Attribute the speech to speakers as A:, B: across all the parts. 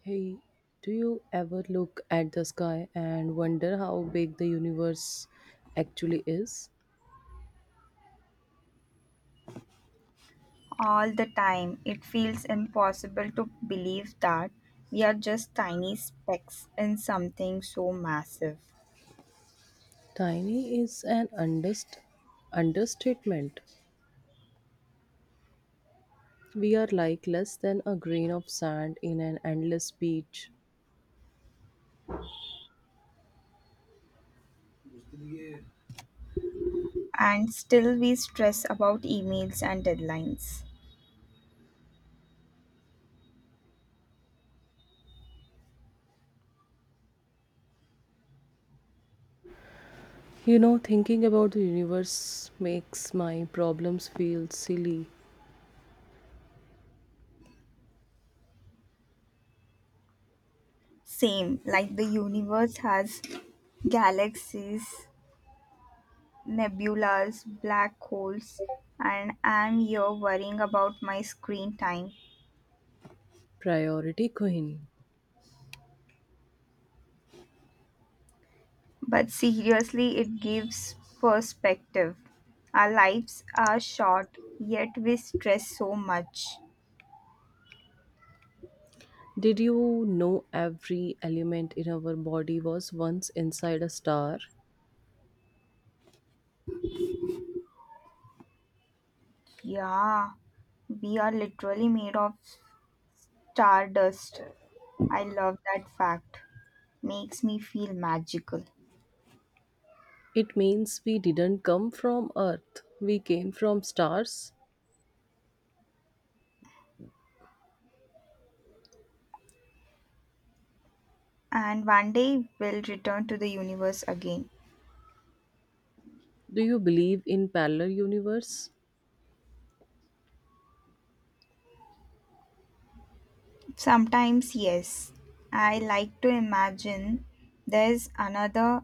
A: Hey, do you ever look at the sky and wonder how big the universe actually is?
B: All the time. It feels impossible to believe that we are just tiny specks in something so massive.
A: Tiny is an understatement. We are like less than a grain of sand in an endless beach.
B: And still, we stress about emails and deadlines.
A: Thinking about the universe makes my problems feel silly.
B: Same, like the universe has galaxies, nebulas, black holes, and I'm here worrying about my screen time.
A: Priority Queen.
B: But seriously, it gives perspective. Our lives are short, yet we stress so much.
A: Did you know every element in our body was once inside a star?
B: Yeah, we are literally made of stardust. I love that fact. Makes me feel magical.
A: It means we didn't come from Earth, we came from stars.
B: And one day we'll return to the universe again.
A: Do you believe in parallel universe?
B: Sometimes, yes, I like to imagine there's another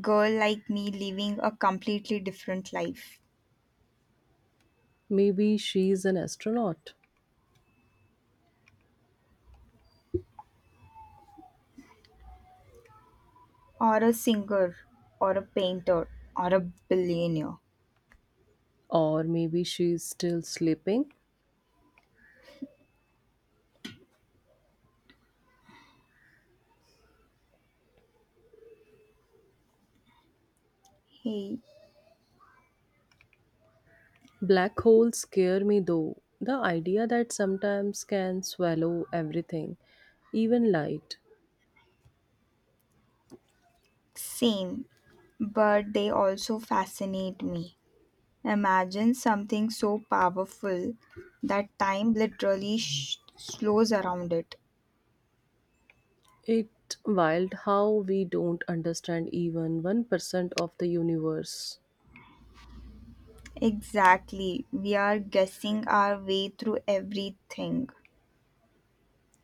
B: girl like me living a completely different life.
A: Maybe she is an astronaut,
B: Or a singer or a painter or a billionaire.
A: or maybe she is still sleeping.
B: Hey,
A: Black holes scare me though. The idea that sometimes can swallow everything, even light.
B: same, but they also fascinate me. Imagine something so powerful that time literally slows around it.
A: It wild how we don't understand even 1% of the universe.
B: Exactly, we are guessing our way through everything.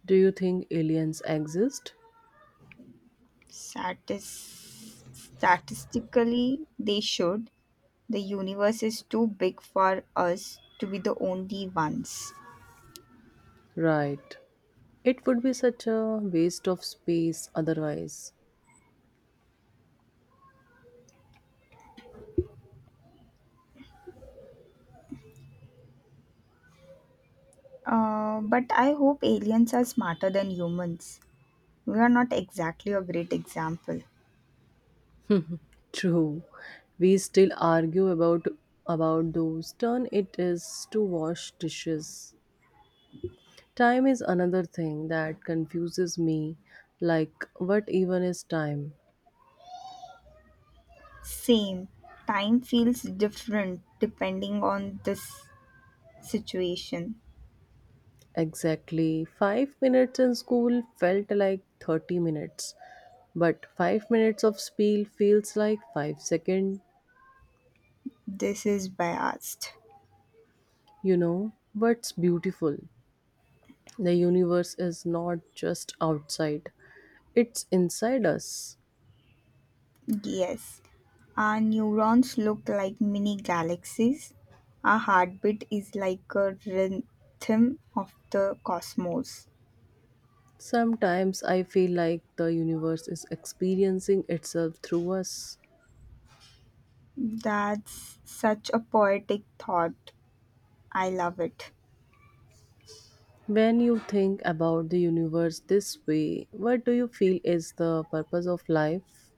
A: Do you think aliens exist?
B: Statistically, they should. The universe is too big for us to be the only ones.
A: Right. It would be such a waste of space otherwise.
B: But I hope aliens are smarter than humans. We are not exactly a great example.
A: True. We still argue about those turn it is to wash dishes. Time is another thing that confuses me. Like what even is time?
B: Same. Time feels different depending on this situation.
A: Exactly 5 minutes in school felt like 30 minutes. But 5 minutes of spiel feels like 5 seconds,
B: This is biased.
A: What's beautiful? The universe is not just outside. It's inside us.
B: Yes. Our neurons look like mini galaxies. Our heartbeat is like a rhythm of the cosmos.
A: Sometimes I feel like the universe is experiencing itself through us.
B: That's such a poetic thought. I love it.
A: When you think about the universe this way, what do you feel is the purpose of life?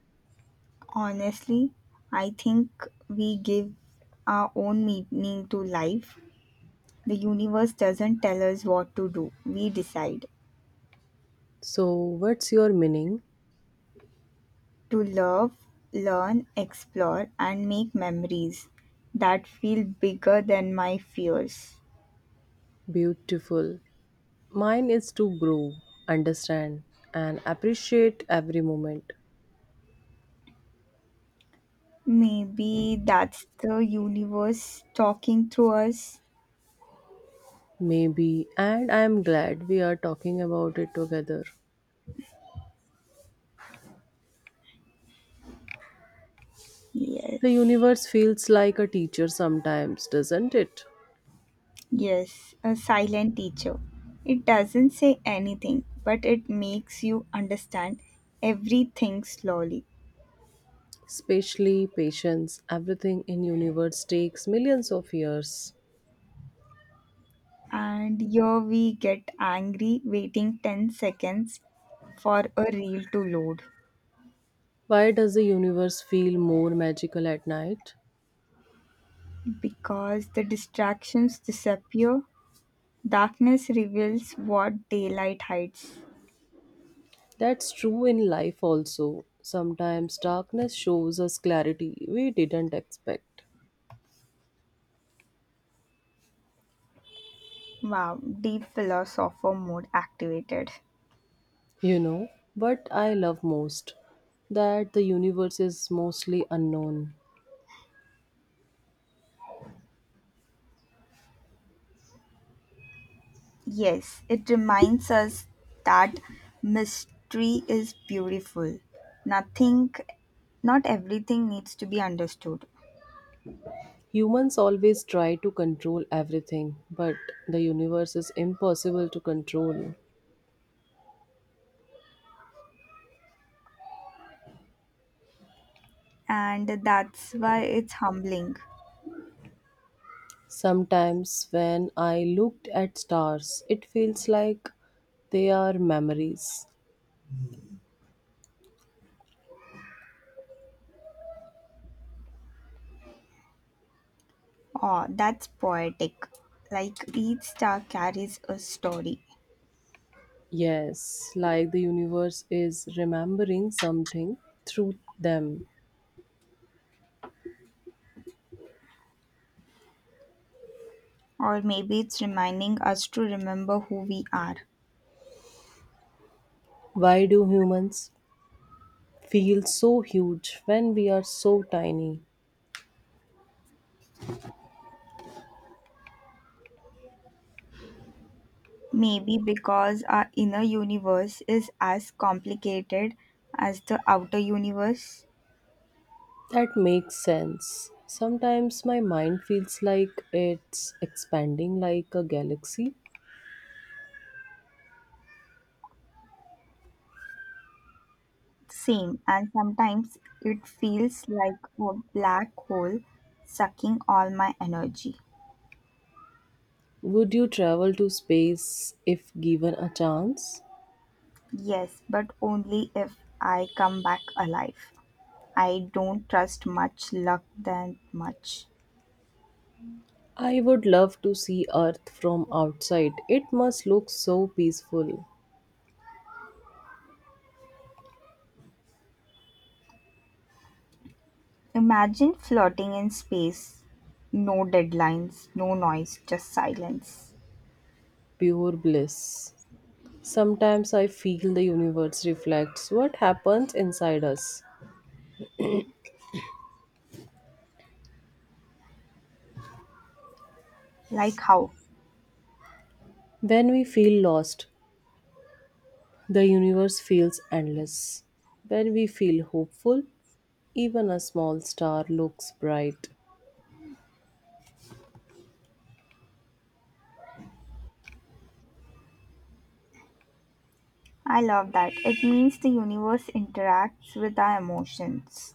B: Honestly, I think we give our own meaning to life. The universe doesn't tell us what to do, we decide.
A: So, what's your meaning?
B: To love, learn, explore, and make memories that feel bigger than my fears.
A: Beautiful. Mine is to grow, understand, and appreciate every moment.
B: Maybe that's the universe talking through us.
A: Maybe, and I am glad we are talking about it together. The
B: Yes.
A: universe feels like a teacher sometimes, doesn't it?
B: Yes, a silent teacher. It doesn't say anything, but it makes you understand everything slowly.
A: Especially patience, everything in universe takes millions of years.
B: And here we get angry waiting 10 seconds for a reel to load.
A: Why does the universe feel more magical at night?
B: Because the distractions disappear, darkness reveals what daylight hides.
A: That's true in life also. Sometimes darkness shows us clarity we didn't expect.
B: Wow, deep philosopher mode activated.
A: What I love most that the universe is mostly unknown.
B: Yes, it reminds us that mystery is beautiful. Nothing, not everything needs to be understood.
A: Humans always try to control everything, but the universe is impossible to control.
B: And that's why it's humbling.
A: Sometimes when I looked at stars, it feels like they are memories.
B: Oh, that's poetic. Like each star carries a story.
A: Yes, like the universe is remembering something through them.
B: Or maybe it's reminding us to remember who we are.
A: Why do humans feel so huge when we are so tiny?
B: Maybe because our inner universe is as complicated as the outer universe.
A: That makes sense. Sometimes my mind feels like it's expanding like a galaxy.
B: Same, and sometimes it feels like a black hole sucking all my energy.
A: Would you travel to space if given a chance?
B: Yes, but only if I come back alive. I don't trust much luck that much.
A: I would love to see Earth from outside. It must look so peaceful,
B: Imagine floating in space. No deadlines, no noise, just silence.
A: pure bliss. Sometimes I feel the universe reflects what happens inside us.
B: Like how?
A: When we feel lost, the universe feels endless. When we feel hopeful, even a small star looks bright.
B: I love that. It means the universe interacts with our emotions.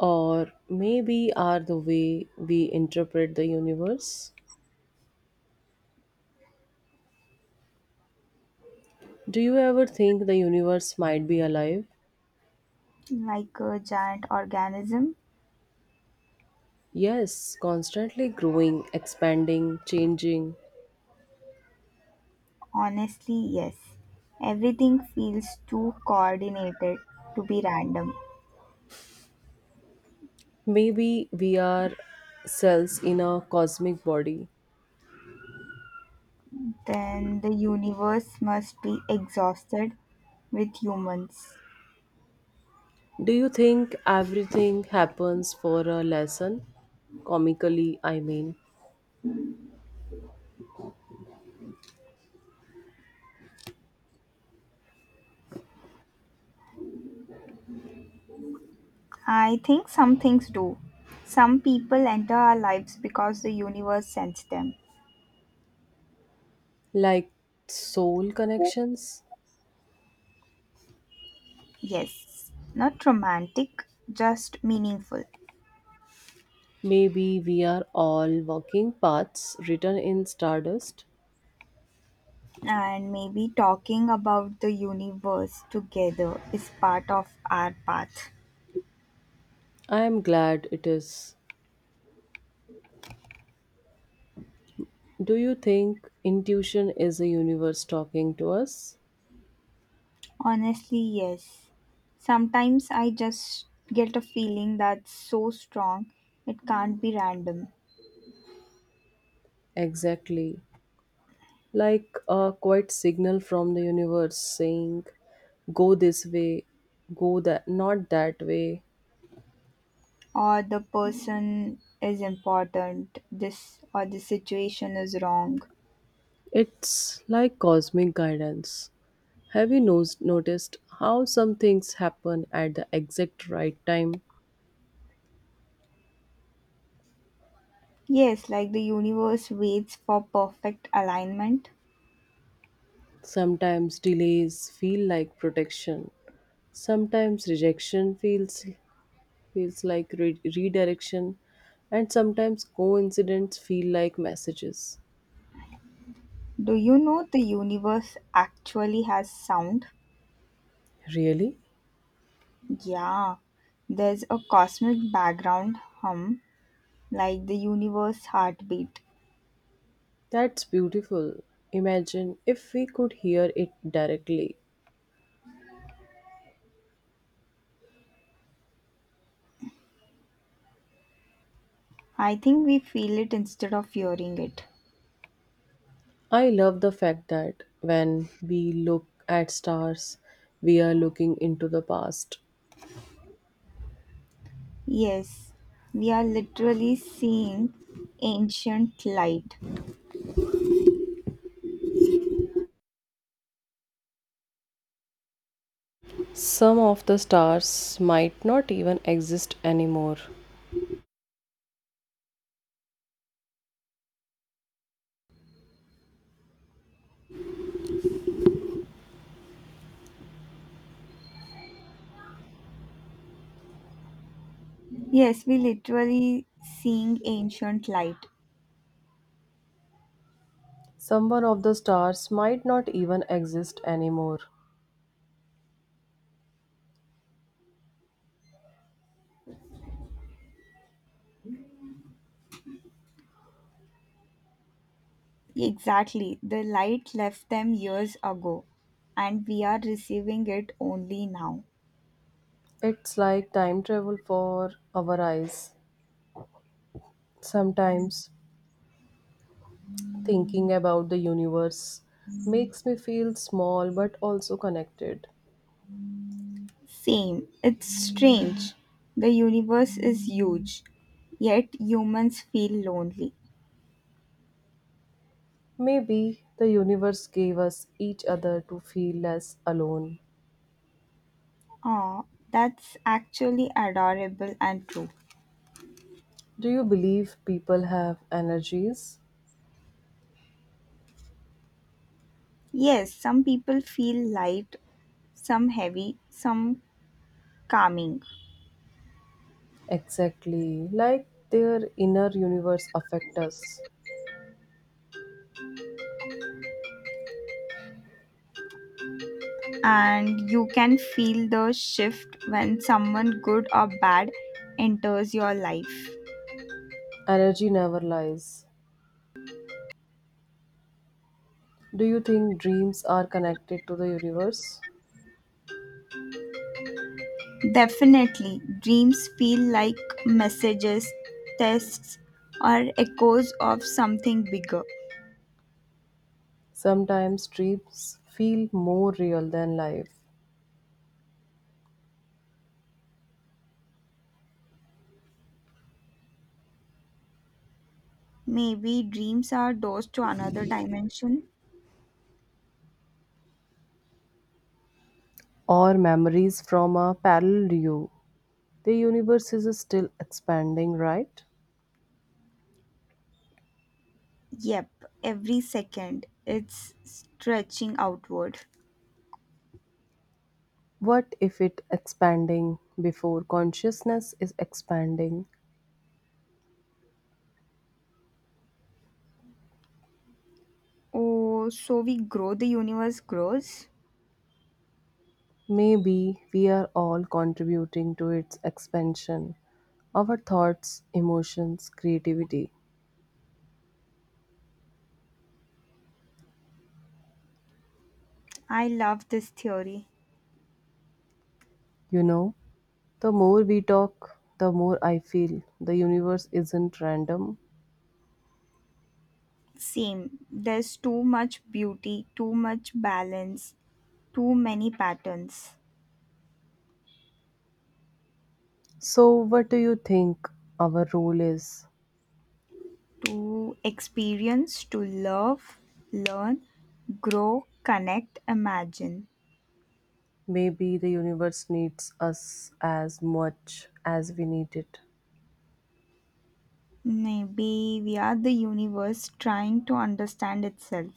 A: Or maybe are the way we interpret the universe. Do you ever think the universe might be alive?
B: Like a giant organism?
A: Yes, constantly growing, expanding, changing.
B: Honestly, yes. Everything feels too coordinated to be random.
A: Maybe we are cells in a cosmic body.
B: Then the universe must be exhausted with humans.
A: Do you think everything happens for a lesson? Comically, I mean.
B: I think some things do. Some people enter our lives because the universe sends them.
A: Like soul connections?
B: Yes, not romantic, just meaningful.
A: Maybe we are all walking paths written in stardust.
B: And maybe talking about the universe together is part of our path.
A: I am glad it is. Do you think intuition is the universe talking to us?
B: Honestly, yes. Sometimes I just get a feeling that's so strong it can't be random.
A: Exactly. Like a quiet signal from the universe saying go this way, go that, not that way.
B: Or the person is important, this or the situation is wrong.
A: It's like cosmic guidance. Have you noticed how some things happen at the exact right time?
B: Yes, like the universe waits for perfect alignment.
A: Sometimes delays feel like protection, sometimes rejection feels like redirection, and sometimes coincidence feel like messages.
B: Do you know the universe actually has sound?
A: Really?
B: Yeah, there's a cosmic background hum, like the universe heartbeat.
A: That's beautiful. Imagine if we could hear it directly.
B: I think we feel it instead of hearing it.
A: I love the fact that when we look at stars, we are looking into the past.
B: Yes, we are literally seeing ancient light.
A: Some of the stars might not even exist anymore.
B: Yes, we literally seeing ancient light.
A: Someone of the stars might not even exist anymore.
B: Exactly. The light left them years ago, and we are receiving it only now.
A: It's like time travel for our eyes. Sometimes thinking about the universe makes me feel small but also connected.
B: Same. It's strange. The universe is huge, yet humans feel lonely.
A: Maybe the universe gave us each other to feel less alone.
B: Ah, that's actually adorable and true.
A: Do you believe people have energies?
B: Yes, some people feel light, some heavy, some calming.
A: Exactly, like their inner universe affect us.
B: And you can feel the shift when someone good or bad enters your life.
A: Energy never lies. Do you think dreams are connected to the universe?
B: Definitely, dreams feel like messages, tests, or echoes of something bigger.
A: Sometimes dreams feel more real than life,
B: Maybe dreams are doors to another dimension?
A: or memories from a parallel you. The universe is still expanding, right?
B: Yep, every second it's stretching outward.
A: What if it expanding before consciousness is expanding?
B: Oh, so we grow, the universe grows?
A: Maybe we are all contributing to its expansion. Our thoughts, emotions, creativity.
B: I love this theory.
A: You know, the more we talk, the more I feel the universe isn't random.
B: Same, there's too much beauty, too much balance, too many patterns.
A: So, what do you think our role is?
B: To experience, to love, learn, grow, connect, imagine.
A: Maybe the universe needs us as much as we need it.
B: Maybe we are the universe trying to understand itself.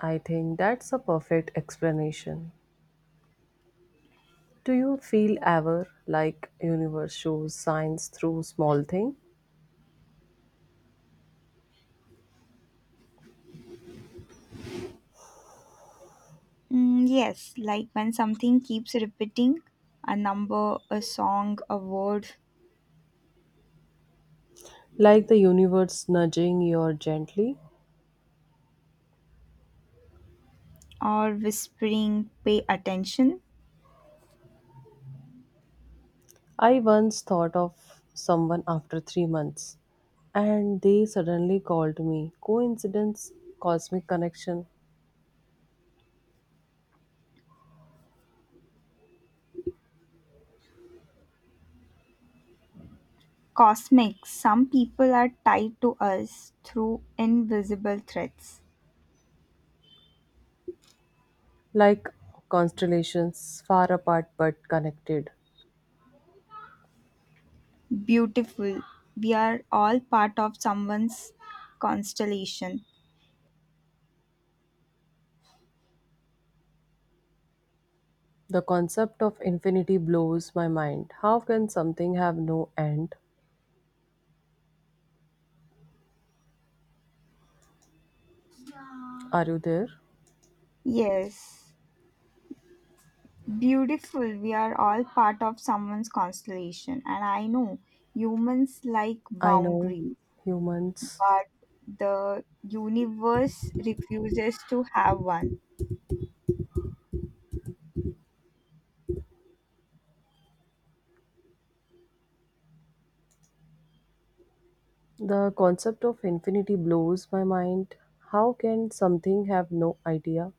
A: I think that's a perfect explanation. Do you feel ever like universe shows signs through small thing?
B: Mm, yes, like when something keeps repeating a number, a song, a word,
A: Like the universe nudging you gently?
B: or whispering, pay attention.
A: I once thought of someone after 3 months and they suddenly called me. Coincidence, cosmic connection,
B: Cosmic, some people are tied to us through invisible threads.
A: like constellations far apart but connected.
B: Beautiful, we are all part of someone's constellation.
A: The concept of infinity blows my mind. How can something have no end? Are you there?
B: Yes, beautiful. We are all part of someone's constellation. And I know humans like
A: I know
B: boundaries,
A: humans.
B: but the universe refuses to have one.
A: The concept of infinity blows my mind. How can something have no idea?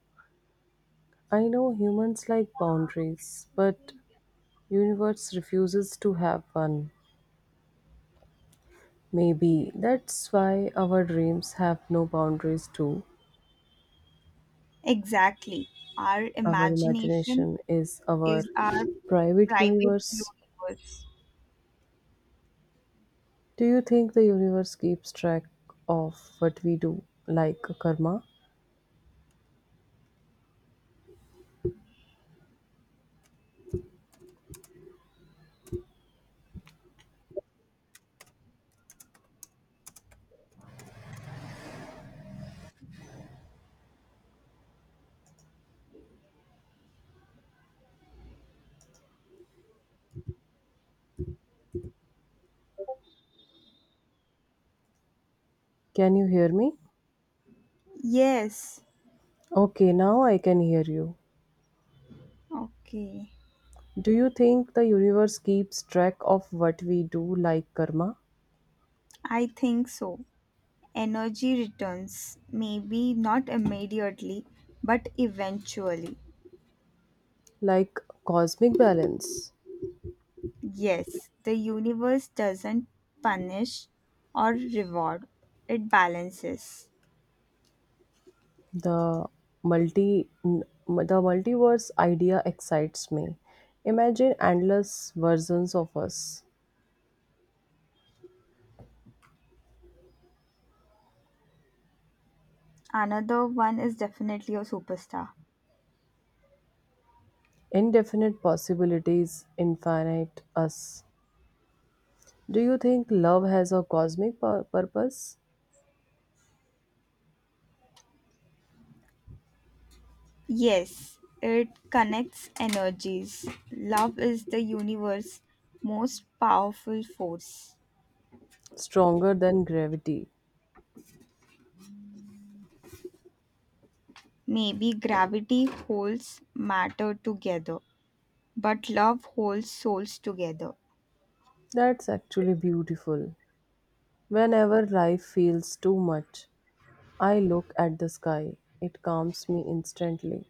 A: I know humans like boundaries, but universe refuses to have one. Maybe that's why our dreams have no boundaries too.
B: Exactly. Our
A: Our
B: imagination
A: imagination is our
B: is our
A: private
B: private
A: universe.
B: universe.
A: Do you think the universe keeps track of what we do like karma? Can you hear me?
B: Yes.
A: Okay, now I can hear you.
B: Okay.
A: Do you think the universe keeps track of what we do, like karma,
B: I think so. Energy returns, maybe not immediately, but eventually.
A: like cosmic balance?
B: Yes, the universe doesn't punish or reward, it balances.
A: The the multiverse idea excites me. Imagine endless versions of us,
B: Another one is definitely a superstar.
A: indefinite possibilities, infinite us. Do you think love has a cosmic purpose,
B: Yes, it connects energies. Love is the universe's most powerful force.
A: stronger than gravity?
B: Maybe gravity holds matter together, but love holds souls together.
A: That's actually beautiful. Whenever life feels too much, I look at the sky. It calms me instantly.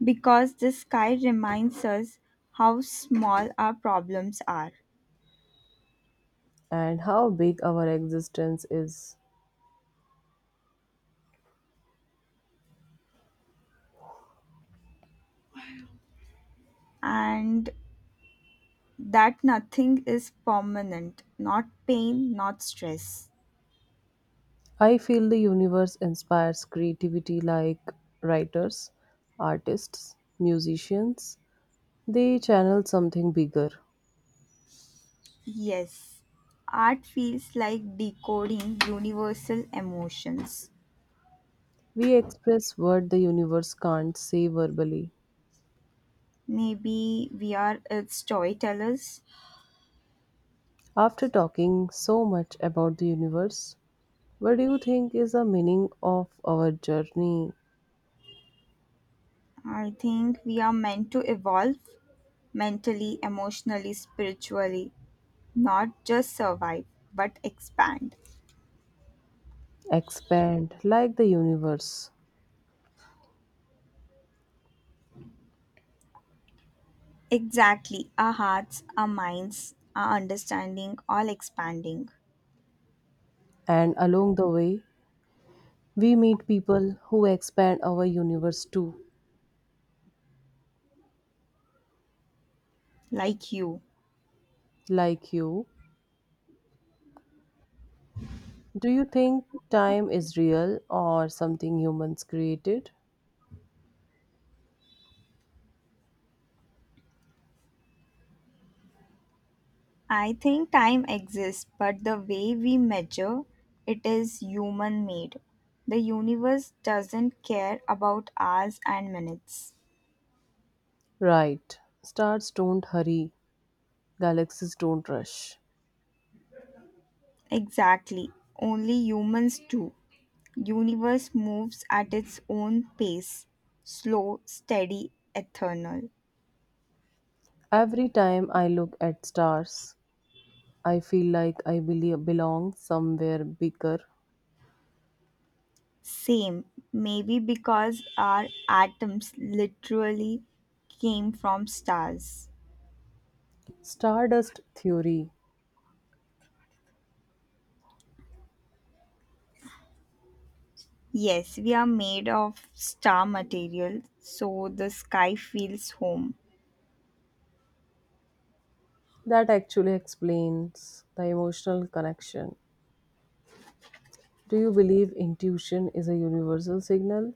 B: Because the sky reminds us how small our problems are.
A: And how big our existence is.
B: And that nothing is permanent, not pain, not stress.
A: I feel the universe inspires creativity like writers, artists, musicians. They channel something bigger.
B: Yes, art feels like decoding universal emotions.
A: We express what the universe can't say verbally.
B: Maybe we are its storytellers.
A: After talking so much about the universe, what do you think is the meaning of our journey?
B: I think we are meant to evolve mentally, emotionally, spiritually, not just survive, but expand.
A: Expand like the universe,
B: Exactly, our hearts, our minds, our understanding, all expanding,
A: and along the way, we meet people who expand our universe too,
B: like you.
A: like you. Do you think time is real or something humans created?
B: I think time exists, but the way we measure it is human made. The universe doesn't care about hours and minutes.
A: Right. Stars don't hurry, galaxies don't rush.
B: Exactly. Only humans do. Universe moves at its own pace. Slow, steady, eternal.
A: Every time I look at stars, I feel like I belong somewhere bigger.
B: Same. Maybe because our atoms literally came from stars.
A: Stardust theory,
B: Yes, we are made of star material, so the sky feels home.
A: that actually explains the emotional connection. Do you believe intuition is a universal signal?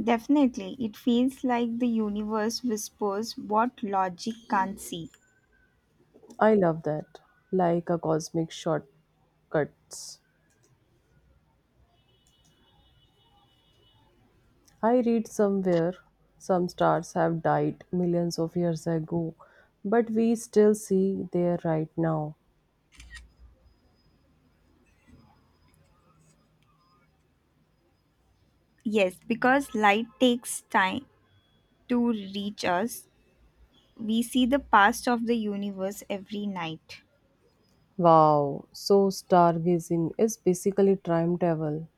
B: Definitely, it feels like the universe whispers what logic can't see.
A: I love that. Like a cosmic shortcuts. I read somewhere some stars have died millions of years ago, but we still see there right now.
B: Yes, because light takes time to reach us, we see the past of the universe every night.
A: Wow, so stargazing is basically time travel.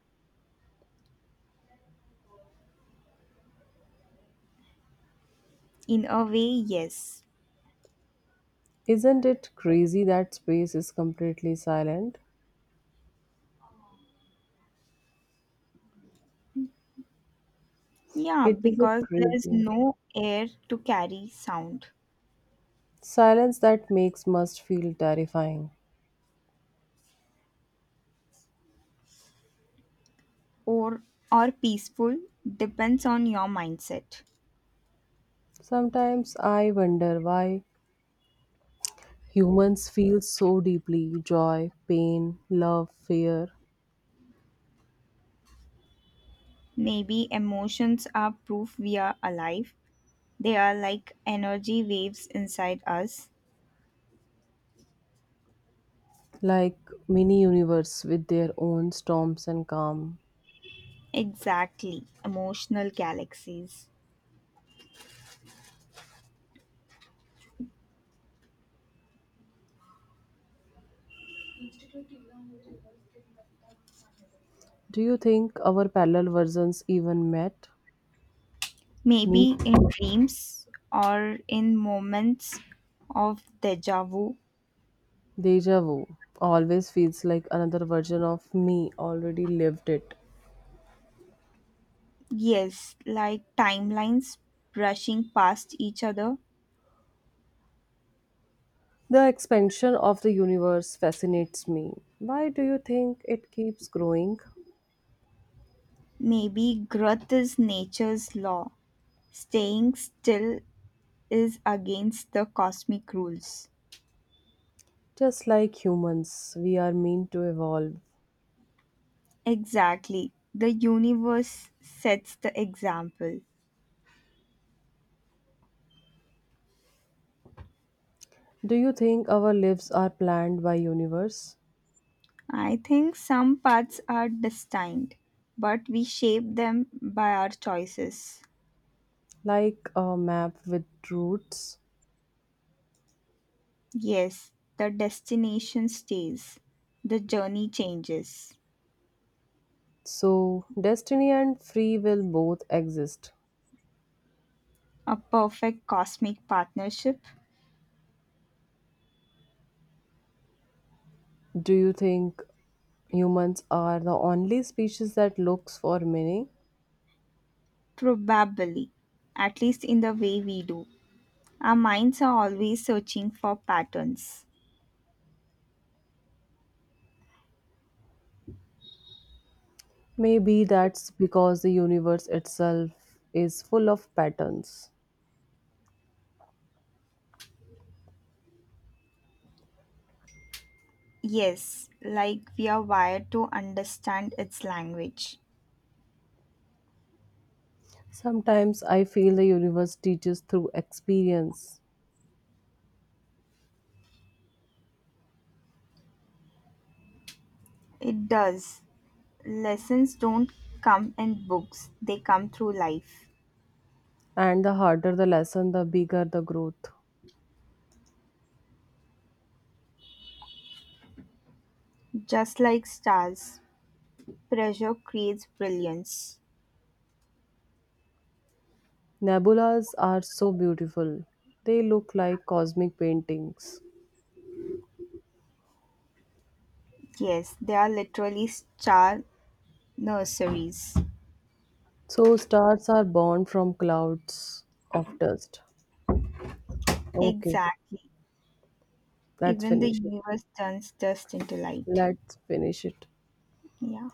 B: In a way, yes.
A: Isn't it crazy that space is completely silent?
B: Yeah,
A: It isn't
B: because there is
A: crazy.
B: no air to carry sound,
A: Silence that makes must feel terrifying.
B: or or peaceful depends on your mindset.
A: Sometimes I wonder why humans feel so deeply joy, pain, love, fear,
B: Maybe emotions are proof we are alive. They are like energy waves inside us.
A: like mini universe with their own storms and calm.
B: Exactly, emotional galaxies.
A: Do you think our parallel versions even met? Meet?
B: Maybe in dreams or in moments of deja vu.
A: Deja vu always feels like another version of me already lived it.
B: Yes, like timelines brushing past each other.
A: The expansion of the universe fascinates me. Why do you think it keeps growing?
B: Maybe growth is nature's law. Staying still is against the cosmic rules.
A: Just like humans, we are meant to evolve.
B: Exactly. The universe sets the example.
A: Do you think our lives are planned by universe?
B: I think some paths are destined, but we shape them by our choices.
A: Like a map with roots.
B: Yes, the destination stays, the journey changes.
A: So, destiny and free will both exist.
B: A perfect cosmic partnership?
A: Do you think humans are the only species that looks for meaning?
B: Probably, at least in the way we do. Our minds are always searching for patterns.
A: Maybe that's because the universe itself is full of patterns.
B: Yes, like we are wired to understand its language.
A: Sometimes I feel the universe teaches through experience,
B: It does. Lessons don't come in books, they come through life.
A: and the harder the lesson, the bigger the growth.
B: Just like stars, pressure creates brilliance.
A: Nebulas are so beautiful, they look like cosmic paintings.
B: Yes, they are literally star nurseries.
A: So stars are born from clouds of dust. Okay,
B: Exactly.
A: let's
B: Even the
A: finish it.
B: universe turns dust into light.
A: Let's finish it.
B: Yeah.